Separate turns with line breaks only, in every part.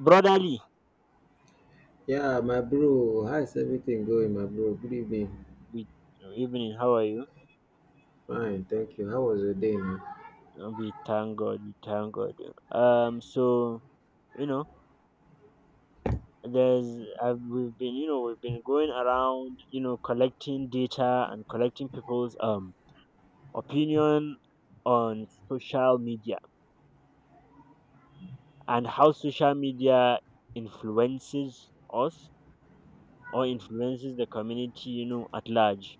Brotherly.
Yeah, my bro. How's everything going, my bro? Good evening.
We. Evening, how are you?
Fine, thank you. How was your day, man?
We thank God. So, you know we've been going around, collecting data and collecting people's opinion on social media, and how social media influences us or influences the community, at large.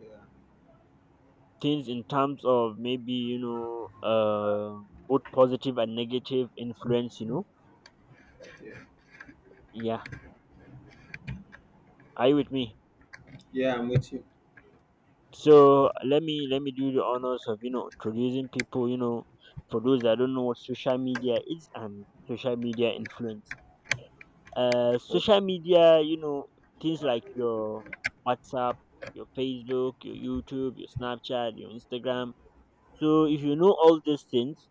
Yeah,
Things in terms of maybe, both positive and negative influence, yeah. Are you with me?
yeah, I'm with you.
So let me do the honors of, introducing people, for those that don't know what social media is and social media influence.
Okay.
Social media, things like your WhatsApp, your Facebook, your YouTube, your Snapchat, your Instagram. So if you know all these things,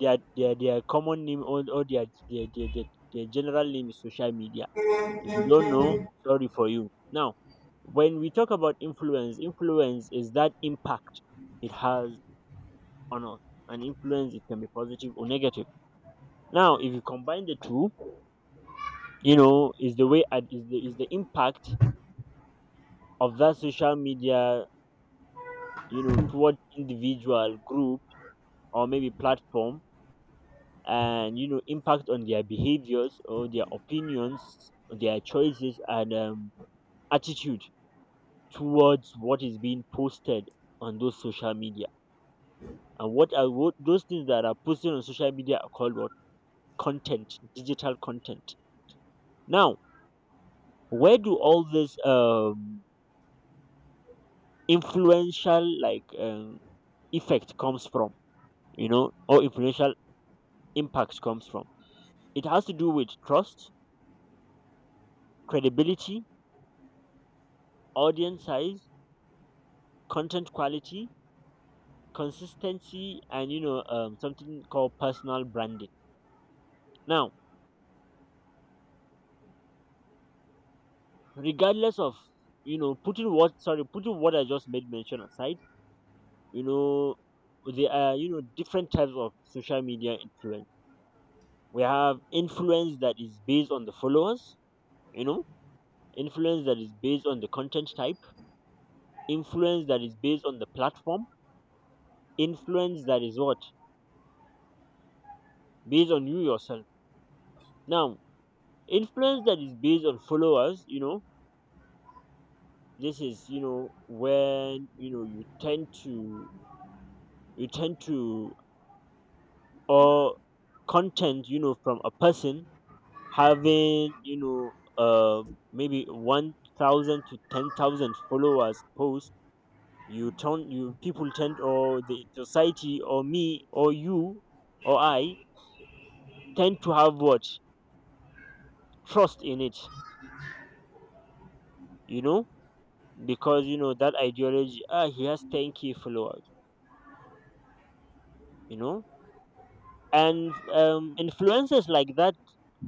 their common name, or their general name, is social media. If you don't know, sorry for you. Now, when we talk about influence, influence is that impact it has on us. And influence, it can be positive or negative. Now, if you combine the two, is the way is the impact of that social media, toward individual group or maybe platform, and impact on their behaviors or their opinions, their choices, and attitude towards what is being posted on those social media. And those things that are posted on social media are called, what, content, digital content. Now, where do all this, influential, like, effect comes from? Or influential impact comes from? It has to do with trust, credibility, audience size, content quality, consistency, and something called personal branding. Now, regardless of, putting what I just made mention aside, you know there are, different types of social media influence. We have influence that is based on the followers, you know influence that is based on the content type, influence that is based on the platform, influence that is, what, based on you yourself. Now, influence that is based on followers, this is, when you tend to, or content, from a person having, uh maybe 1000 to 10,000 followers post. You people tend, or the society, or me or you, or I, tend to have, what, trust in it, you know because that ideology, ah, he has 10k followers, you know and influencers like that,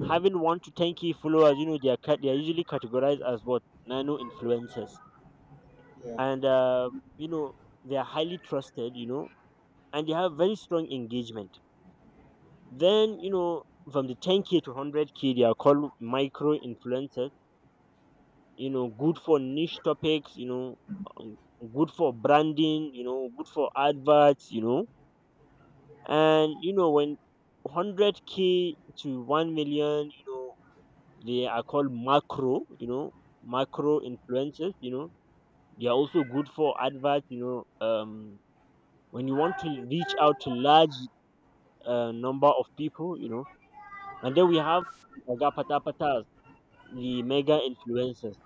having 1 to 10k followers, they are they are usually categorized as, what, nano influencers.
Yeah,
And you know they are highly trusted, and they have very strong engagement. Then, from the 10k to 100k, they are called micro influencers, good for niche topics, um, good for branding, good for adverts, and when 100k to 1 million, they are called macro, influencers, they are also good for adverts, when you want to reach out to large, number of people. And then we have mega pata patas, the mega influencers,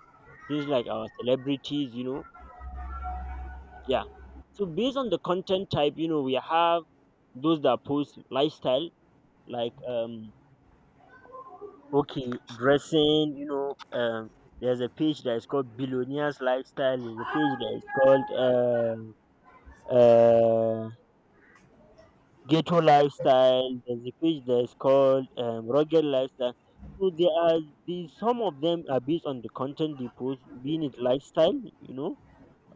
things like our celebrities. Yeah. So based on the content type, we have those that post lifestyle, like, okay, dressing, there's a page that is called Billionaires Lifestyle, there's a page that is called uh, ghetto lifestyle. There's a page that's called rugged lifestyle. So there are these. Some of them are based on the content they post, being it lifestyle, you know,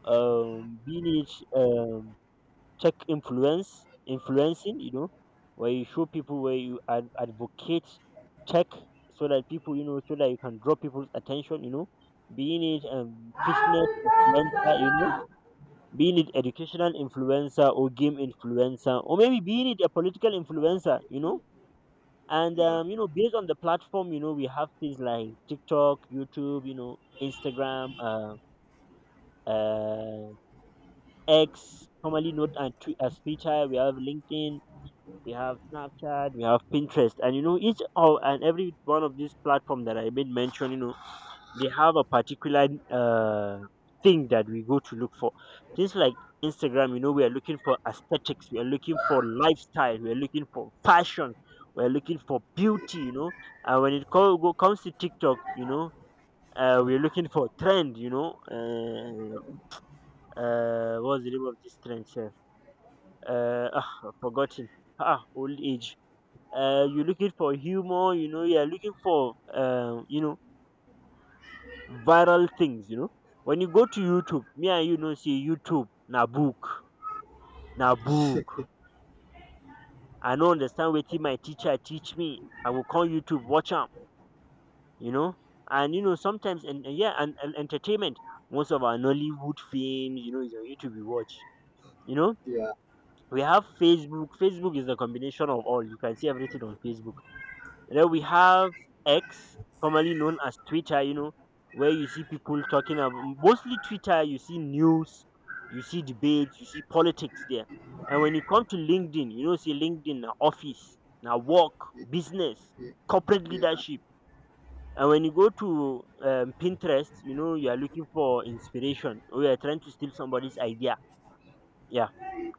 being it, um, tech influencing, where you show people, where you advocate tech, so that people, so that you can draw people's attention, being it, fitness influencer, being it educational influencer, or game influencer, or maybe being it a political influencer, and
yeah,
based on the platform, we have things like TikTok, YouTube, Instagram, uh, X, formerly known as Twitter. We have LinkedIn, we have Snapchat, we have Pinterest. And each of, and every one of these platform that I made mention, they have a particular, thing that we go to look for. Things like Instagram, we are looking for aesthetics, we are looking for lifestyle, we are looking for fashion, we are looking for beauty. And when it comes to TikTok, we are looking for trend. What's the name of this trend, sir? Ah, I've forgotten. Ah, old age. You're looking for humor, you're looking for, viral things. When you go to YouTube, me and say YouTube na book, na book. I no understand wetin my teacher teach me. I will come YouTube watch am, you know. And sometimes, and yeah, and entertainment. Most of our Nollywood films, is on YouTube we watch. You know,
yeah, yeah,
we have Facebook. Facebook is the combination of all. You can see everything on Facebook. Then we have X, formerly known as Twitter, where you see people talking about mostly Twitter, you see news, you see debates, you see politics there. And when you come to LinkedIn, see LinkedIn, na office, now work, business,
yeah,
corporate
yeah,
leadership. And when you go to, Pinterest, you are looking for inspiration, or you are trying to steal somebody's idea. Yeah.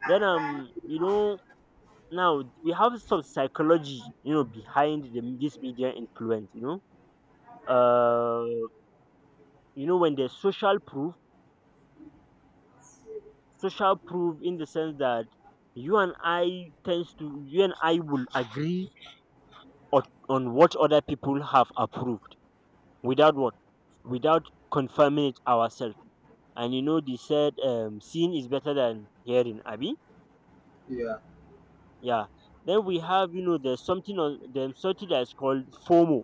Then, now we have some psychology, behind this media influence, uh, when there's social proof, social proof in the sense that you and I will agree on, what other people have approved without, what, without confirming it ourselves. And they said, seeing is better than hearing, abby. Yeah. Then we have, there's something on, there's something that's called FOMO,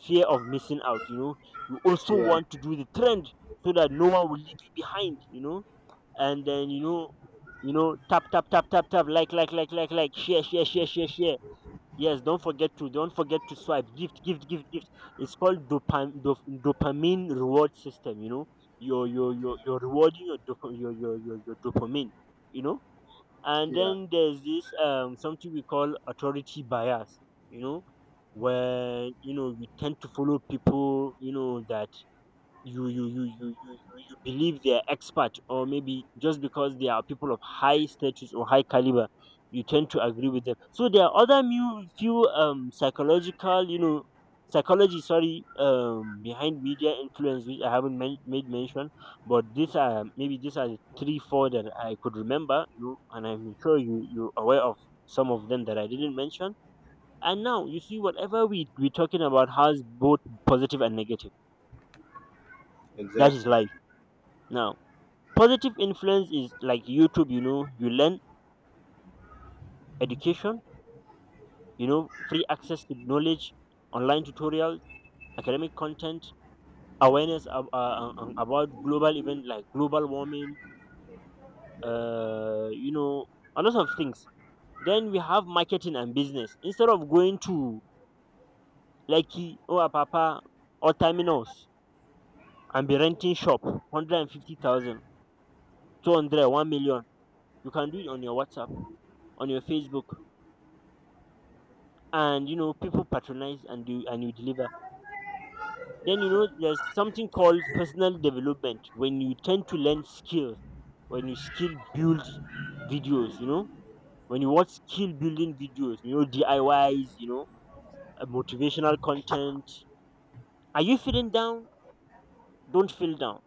fear of missing out, you also
yeah,
want to do the trend, so that no one will leave you behind, and then, tap tap tap tap tap, like, share share share share share, yes, don't forget to swipe, gift gift gift gift. It's called dopamine reward system, you're you're
yeah.
you're, you're rewarding your, your dopamine, you know and
Yeah.
then there's this, something we call authority bias, you know where we tend to follow people, that you you you you you believe they're expert, or maybe just because they are people of high status or high caliber. You tend to agree with them. So there are other few, psychological, psychology, sorry, behind media influence, which I haven't made mention. But these are the three four that I could remember, and I'm sure you're aware of some of them that I didn't mention. And now you see, whatever we're talking about has both positive and negative. That is
Exactly.
life. Now, positive influence is like YouTube, you learn education, free access to knowledge, online tutorials, academic content, awareness about global event like global warming, uh, you know, a lot of things. Then we have marketing and business. Instead of going to Lekki or Papa or Terminals and be renting shop 150,000, 200, 1 million, you can do it on your WhatsApp, on your Facebook, and people patronize and you deliver. Then there's something called personal development, when you tend to learn skills, when you skill build videos you know when you watch skill building videos, diys, motivational content. Are you feeling down? Don't feel down.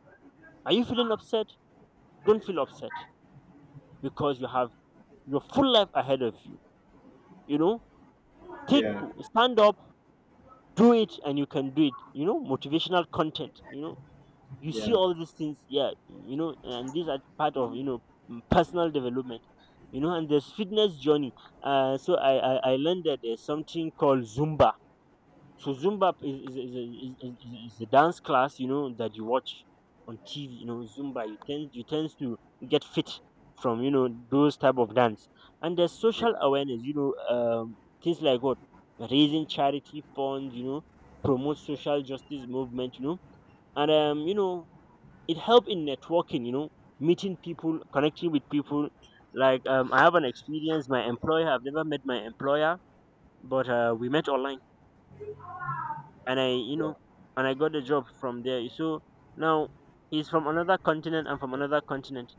Are you feeling upset? Don't feel upset, because you have your full life ahead of you. You know Take,
Yeah,
stand up, do it, and you can do it. Motivational content. You see
yeah,
all these things, yeah, and these are part of, personal development. And there's fitness journey. So I learned that there's something called zumba. So zumba is a dance class, that you watch on tv, zumba, you tend to get fit from, those type of dance. And there's
yeah.
social awareness, things like what? Raising charity funds, promote social justice movement, and it helped in networking, meeting people, connecting with people. Like, I have an experience. My employer, I've never met my employer, but we met online, and I you
Wow.
know and I got the job from there. So now, he's from another continent, I'm from another continent.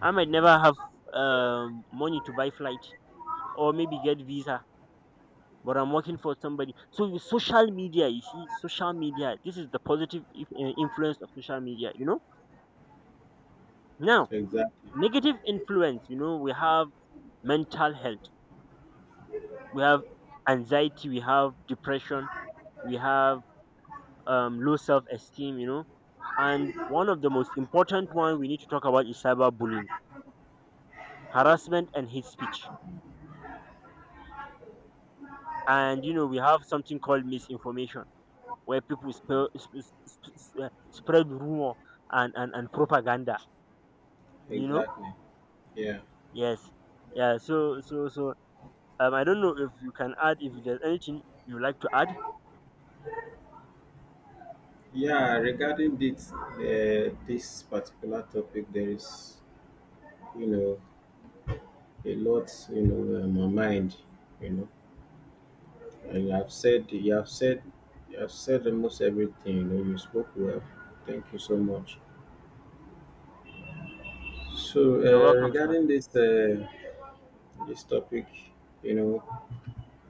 I might never have money to buy flight or maybe get visa, but I'm working for somebody. So with social media, you see, social media, this is the positive influence of social media. Now,
Exactly.
negative influence, we have mental health, we have anxiety, we have depression, we have low self-esteem. And one of the most important one we need to talk about is cyberbullying, harassment and hate speech. And we have something called misinformation, where people spread rumor and propaganda. you know
Exactly. Yeah.
yes. Yeah. So I don't know if you can add, if there's anything you like to add.
Yeah. Regarding this particular topic, there is, you know, a lot, on my mind, you know. And you have said you have said you have said almost everything. You know, you spoke well. Thank you so much. So
You're welcome, sir.
regarding this topic, you know,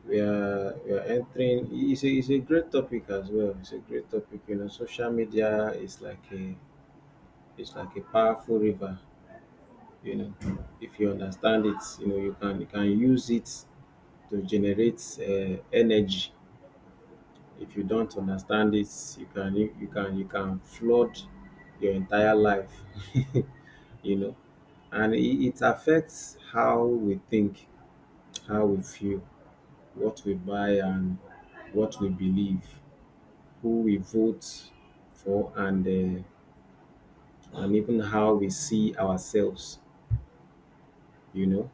we are entering. It's a great topic as well. It's a great topic. You know, social media is like a powerful river. You know, if you understand it, you can use it to generate energy. If you don't understand this, you can you can flood your entire life. you know and it affects how we think, how we feel, what we buy, and what we believe, who we vote for, and even how we see ourselves you know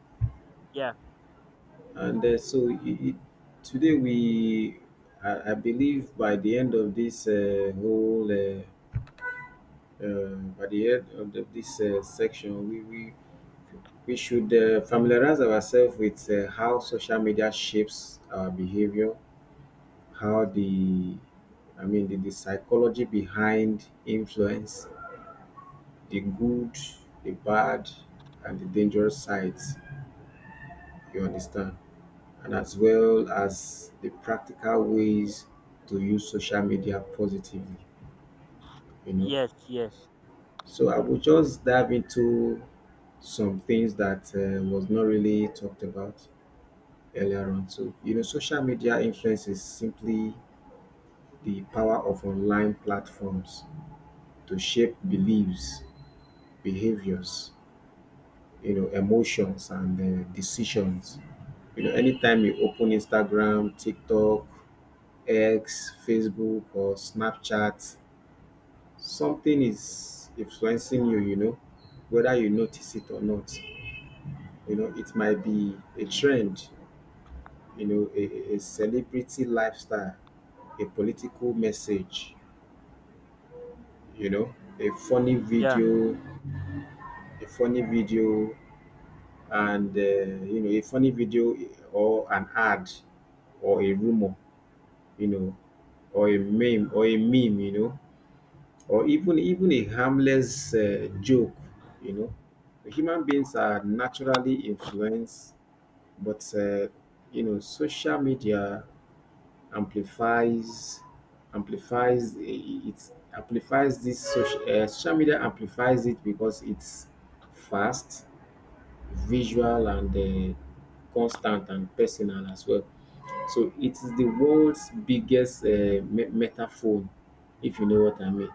Yeah.
and so it, today we I believe by the end of this whole at the end of the, this section, we should familiarize ourselves with how social media shapes our behavior, how I mean, the psychology behind influence, the good, the bad, and the dangerous sides, you understand, and as well as the practical ways to use social media positively, you know.
Yes. Yes.
So I will just dive into some things that was not really talked about earlier on too. Social media influence is simply the power of online platforms to shape beliefs, behaviors, emotions, and decisions. Anytime you open Instagram, TikTok, X, Facebook, or Snapchat, something is influencing you, whether you notice it or not. It might be a trend, you know, a, a celebrity lifestyle, a political message, you know, a funny
Yeah.
video, a funny video, and a funny video or an ad or a rumor, you know, or a meme, or even a harmless joke, you know. Human beings are naturally influenced, but social media amplifies amplifies it amplifies this social, social media amplifies it because it's fast, visual, and constant, and personal as well. So it is the world's biggest meta, if you know what I mean.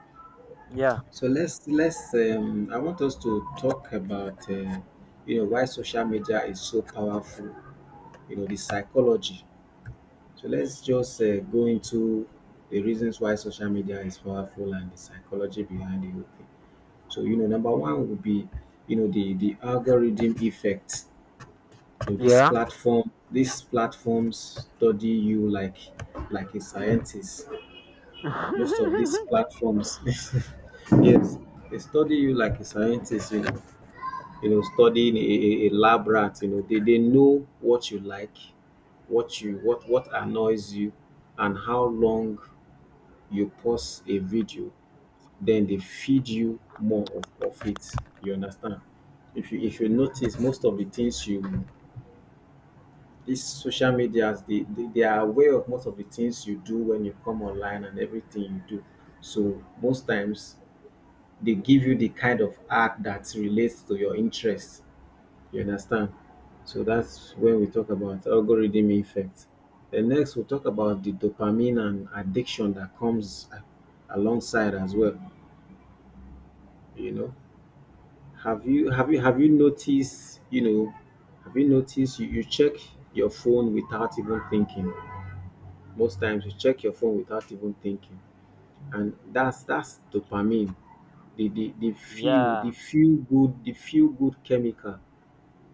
Yeah.
So let's I want us to talk about why social media is so powerful, the psychology. So let's just go into the reasons why social media is powerful and the psychology behind the whole thing. So number one would be the algorithm effect. So
Yeah.
these platforms study you like a scientist. Most of these platforms, yes, they study you like a scientist. Studying a lab rat. They know what you like, what you what annoys you, and how long you pause a video, then they feed you more of it. You understand? If you notice most of the things you these social medias, they are aware of most of the things you do when you come online and everything you do. So most times they give you the kind of art that relates to your interests. You understand? So that's when we talk about algorithm effect. Then next we'll talk about the dopamine and addiction that comes alongside as well. you know have you noticed, have you noticed, you check your phone without even thinking. Most times you check your phone without even thinking, and that's dopamine, the feel, the
Yeah.
feel good the feel good chemical.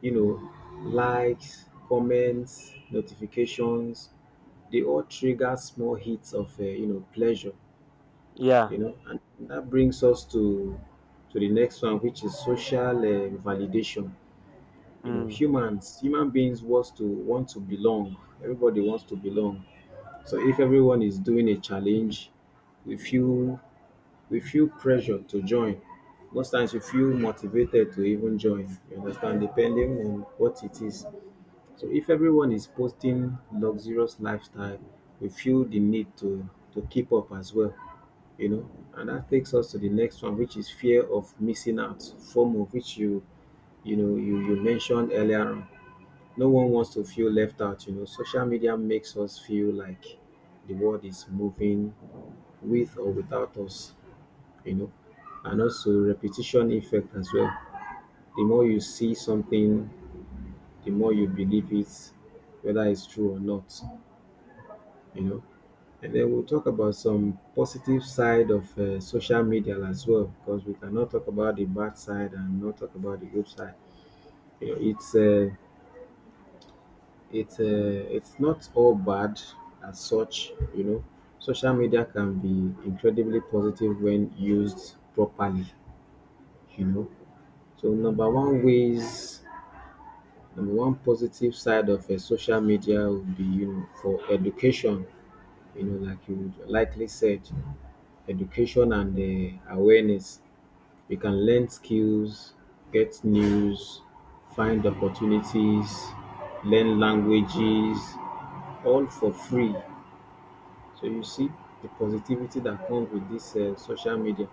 you know Likes, comments, notifications, they all trigger small hits of pleasure.
Yeah.
And that brings us to the next one, which is social validation.
Mm.
Human beings want to belong, everybody wants to belong. So if everyone is doing a challenge, we feel we feel pressure to join, most times we feel motivated to even join, you understand, depending on what it is. So if everyone is posting luxurious lifestyle, we feel the need to keep up as well. you know and that takes us to the next one, which is fear of missing out, form of, which you mentioned earlier on. No one wants to feel left out, social media makes us feel like the world is moving with or without us you know and also repetition effect as well, the more you see something, the more you believe it, whether it's true or not you know And then we'll talk about some positive side of social media as well, because we cannot talk about the bad side and not talk about the good side. It's it's not all bad as such. Social media can be incredibly positive when used properly. You know, so number one positive side of social media would be for education. Like you likely said, education and awareness. You can learn skills, get news, find opportunities, learn languages, all for free. So you see the positivity that comes with this social media.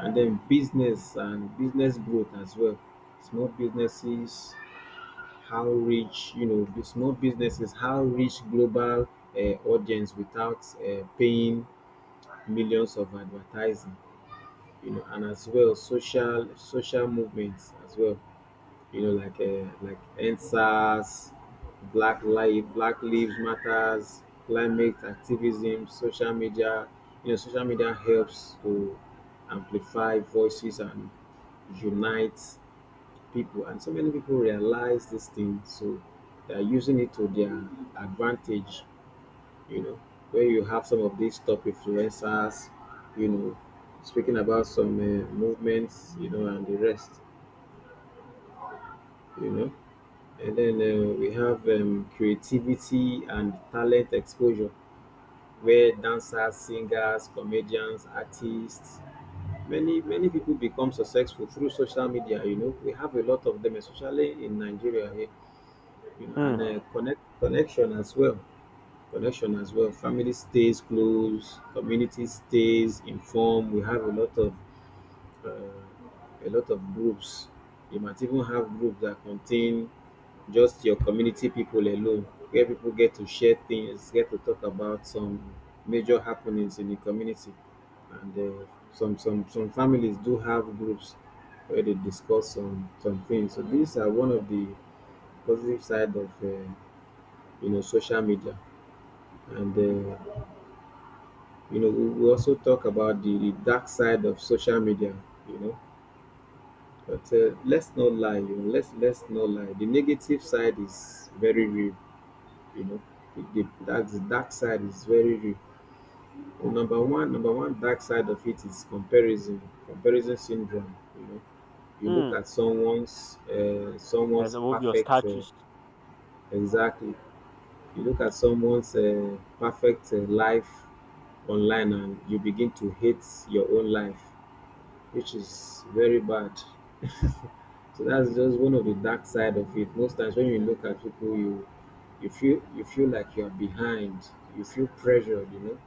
And then business and business growth as well. Small businesses, how reach you know, the small businesses, how reach global uh, audience without paying millions of advertising. And as well, social movements as well, like NSAS, Black Lives Matters, climate activism, social media. Social media helps to amplify voices and unite people, and so many people realize this thing, so they are using it to their advantage you know, where you have some of these top influencers, you know, speaking about some movements, and the rest, you know. And then we have creativity and talent exposure, where dancers, singers, comedians, artists, many people become successful through social media. We have a lot of them, especially in Nigeria here, you know, and
Mm.
connection as well. Family stays close, community stays informed. We have a lot of uh, groups. You might even have groups that contain just your community people alone, where people get to share things, get to talk about some major happenings in the community, and some families do have groups where they discuss some things. So these are one of the positive side of social media and. We also talk about the dark side of social media, you know, but let's not lie, you know, let's not lie. The negative side is very real, you know. That's the dark side is very real. The number one dark side of it is comparison syndrome. You look
Mm.
at
That's
someone's
above your
perfect.
status.
Exactly. You look at someone's perfect life online, and you begin to hate your own life, which is very bad. So that's just one of the dark side of it. Most times when you look at people, you feel like you're behind. You feel pressured.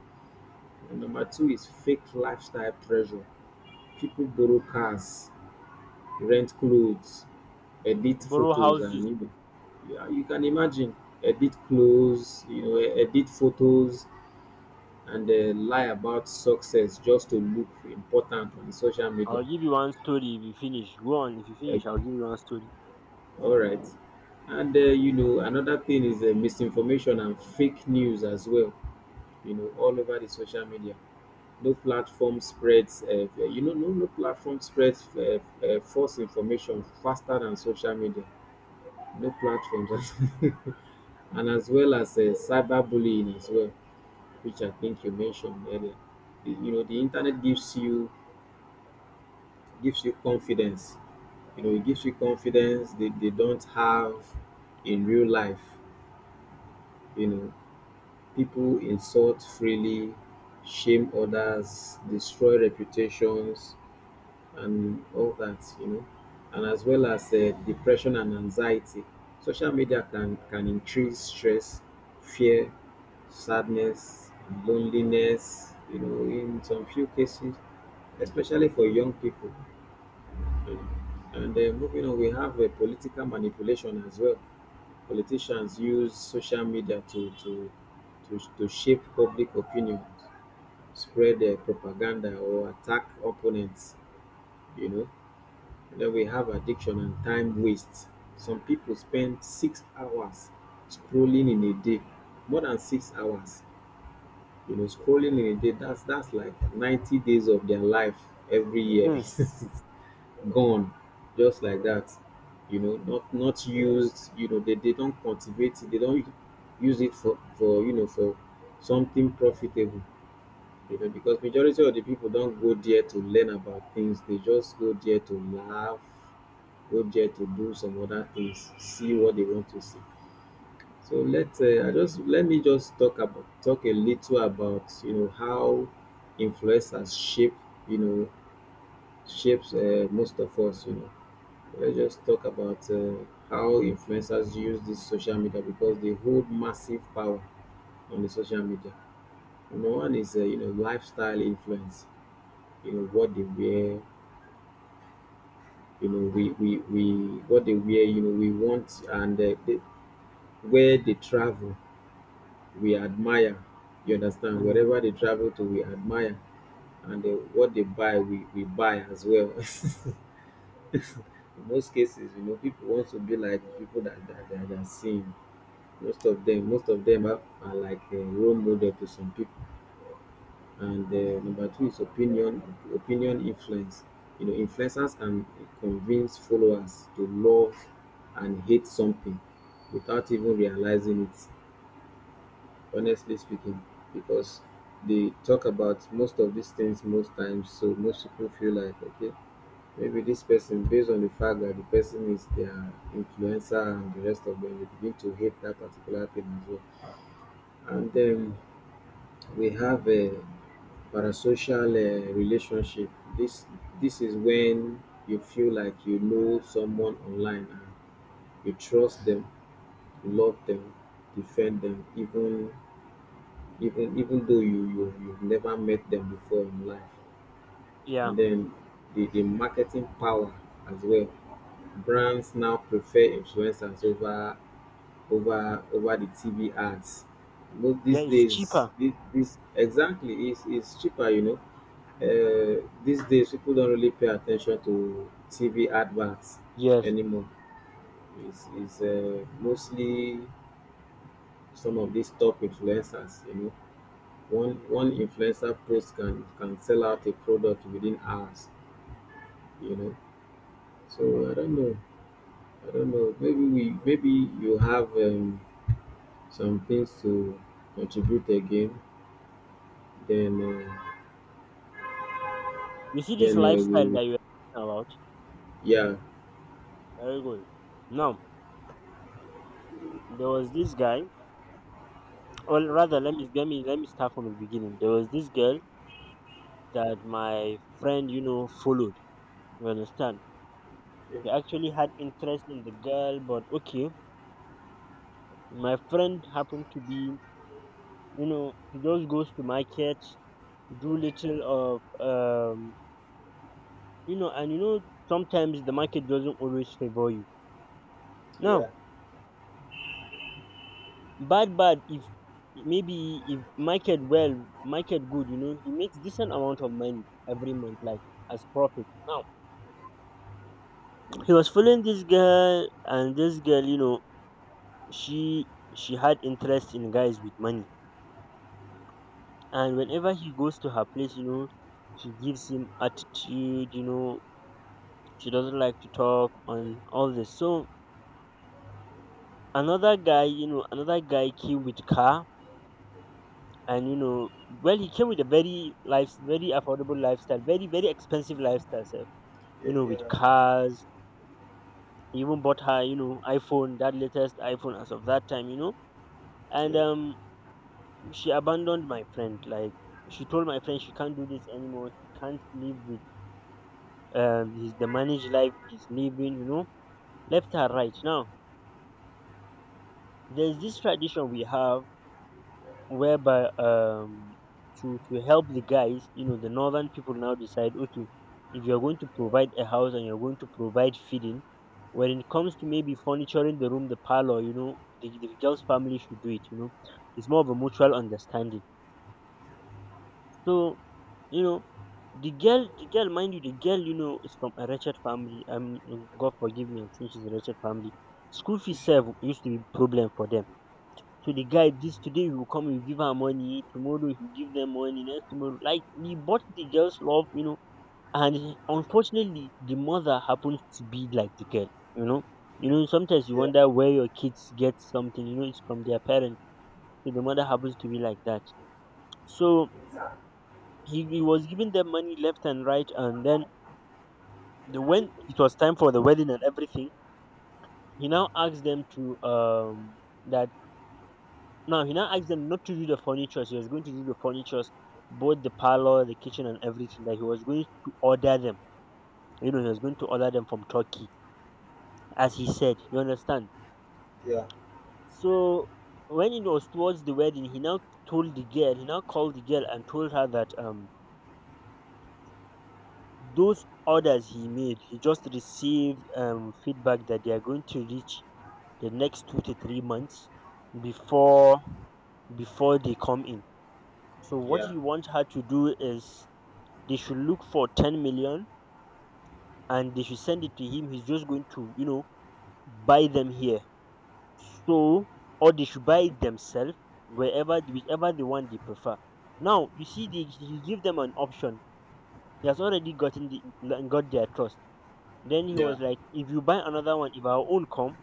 And number two is fake lifestyle pressure. People borrow cars, rent clothes, edit
Borrow
photos,
houses.
and even, yeah, you can imagine, edit clothes, edit photos, and lie about success just to look important on social
I'll
media.
give you one story if you finish. Go on. If you finish, I'll give you one story.
All right. And another thing is misinformation and fake news as well. All over the social media. No platform spreads. No platform spreads false information faster than social media. No platforms, and as well as cyberbullying as well, which I think you mentioned earlier. The internet gives you confidence. It gives you confidence they don't have in real life you know People insult freely, shame others, destroy reputations, and all that, and as well as depression and anxiety. Social media can increase stress, fear, sadness, loneliness, in some few cases, especially for young people. you know. And moving on, we have political manipulation as well. Politicians use social media to shape public opinion, spread their propaganda, or attack opponents. You know, and then we have addiction and time waste. Some people spend 6 hours scrolling in a day, more than 6 hours. Scrolling in a day. That's like 90 days of their life every year.
Mm.
gone just like that, not used, they don't cultivate it, they don't use it for something profitable, because majority of the people don't go there to learn about things, they just go there to laugh, go there to do some other things, see what they want to see. So let me just talk about talk a little about how influencers you know shapes most of us. Let's just talk about how influencers use this social media because they hold massive power on the social media. Number one is lifestyle influence. You know what they wear. We what they wear. We want, and where they travel we admire. You understand?
Mm.
Wherever they travel to we admire. And what they buy, we buy as well. In most cases, people want to be like the people that they are seeing. Most of them are like a role model to some people. And number two is opinion influence. Influencers can convince followers to love and hate something without even realizing it, honestly speaking, because they talk about most of these things most times. So most people feel like, okay, maybe this person, based on the fact that the person is their influencer and the rest of them, they begin to hate that particular thing as well. And then we have a parasocial relationship. This this is when you feel like you know someone online, and you trust them, love them, defend them, even though you've never met them before in life.
Yeah.
And then the marketing power as well, brands now prefer influencers over the TV ads most
Yeah,
these
it's
days,
cheaper.
this exactly is cheaper. These days people don't really pay attention to TV adverts
Yes.
anymore. It's mostly some of these top influencers. One influencer post can sell out a product within hours. You know, so I don't know. I don't know. Maybe you have some things to contribute again. Then uh,
You see this
then uh,
lifestyle
we
that you're talking about?
yeah
Very good. Now, there was this guy. Well, rather, let me start from the beginning. There was this girl that my friend, followed. You understand?
yeah,
He actually had interest in the girl, but okay. My friend happened to be, he just goes to market, do little of, and, sometimes the market doesn't always favor you.
yeah,
Now, bad, bad, if maybe, if market well, market good, he makes decent amount of money every month, like, as profit. Now, he was following this girl, and this girl, she she had interest in guys with money, and whenever he goes to her place, she gives him attitude, she doesn't like to talk on all this. So another guy came with car. And well, he came with a very life, very affordable lifestyle, very very expensive lifestyle, sef,
yeah,
with
yeah,
cars. He even bought her, iPhone, that latest iPhone as of that time, and she abandoned my friend. Like, she told my friend she can't do this anymore. She can't live with his the managed life he's living, left her right now. There's this tradition we have whereby to help the guys, the northern people now decide, okay, if you're going to provide a house and you're going to provide feeding, when it comes to maybe furnituring the room, the parlor, the girl's family should do it, it's more of a mutual understanding. So, you know the girl, mind you, the girl, is from a wretched family. God forgive me, I'm saying she's a wretched family. School fees serve used to be problem for them. To the guy, this today he will come, you give her money, tomorrow you give them money, next tomorrow, like he bought the girl's love. And unfortunately, the mother happens to be like the girl. you know Sometimes you
yeah,
wonder where your kids get something. It's from their parents. So the mother happens to be like that. So he was giving them money left and right, and then when it was time for the wedding and everything, he now asked them to that Now he now asked them not to do the furnitures. He was going to do the furnitures, both the parlor, the kitchen, and everything. That he was going to order them. He was going to order them from Turkey, as he said. You understand?
yeah, yeah.
So when it was towards the wedding, he now told the girl. He now called the girl and told her that, those orders he made, he just received feedback that they are going to reach the next 2 to 3 months, before before they come in. So what
Yeah,
he wants her to do is they should look for 10 million, and they should send it to him. He's just going to, buy them here. So, or they should buy it themselves, wherever, whichever the one they prefer. Now, you see, he give them an option. He has already got their trust. Then he
yeah.
was like, if you buy another one, if our own come,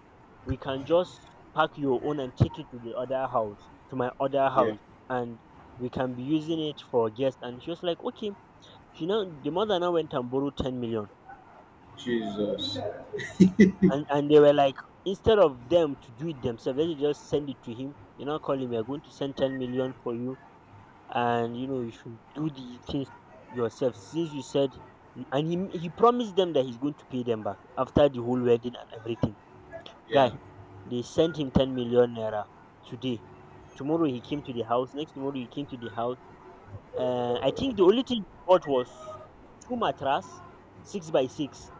we can just pack your own and take it to the other house, to my other
Yeah.
house, and we can be using it for guests. And she was like, okay. The mother now went and borrowed 10 million,
Jesus.
and they were like, instead of them to do it themselves, let's just send it to him. Call him, we're going to send 10 million for you, and you should do the things yourself, since you said and he promised them that he's going to pay them back after the whole wedding and everything. Guy,
Yeah.
they sent him 10 million naira. Today, tomorrow he came to the house, next tomorrow he came to the house. I think the only thing he bought was two mattress, six by six.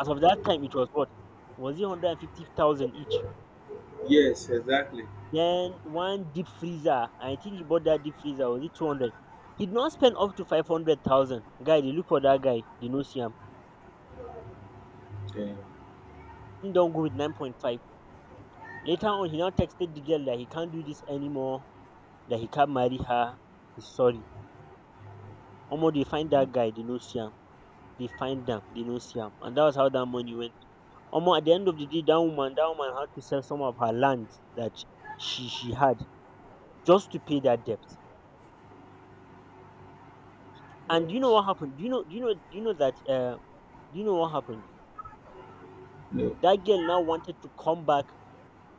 As of that time, it was, what, was it 150,000 each?
Yes, exactly.
Then one deep freezer, I think he bought that deep freezer, was it 200? He did not spend up to 500,000. Guy, they look for that guy, they no see him.
Thank you,
He don't go with 9.5. Later on, he now texted the girl that he can't do this anymore, that he can't marry her. He's sorry. Omo, they find that guy, they no see him. They find them, they no see him. And that was how that money went. Omo, at the end of the day, that woman had to sell some of her lands that she had, just to pay that debt. And do you
God.
know what happened? Do you know? Do you know? Do you know that? Do you know what happened?
No.
That girl now wanted to come back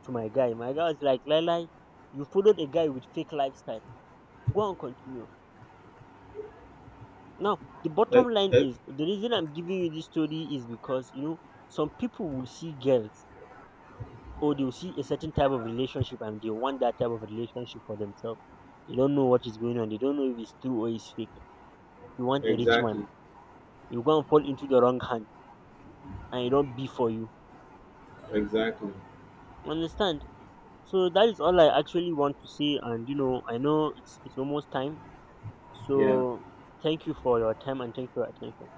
to my guy. My guy was like, Lai, you followed a guy with fake lifestyle. Go and continue. Now, the
e-
bottom line
e-
is the reason I'm giving you this story is because, some people will see girls, or they'll see a certain type of relationship and they want that type of relationship for themselves. They don't know what is going on. They don't know if it's true or it's fake. You want a rich man.
Exactly.
You go and fall into the wrong hand, and it don't be for you.
Exactly.
Understand? So that is all I actually want to say. And, I know it's almost time.
Yeah.
So thank you for your time and thank you for your attention.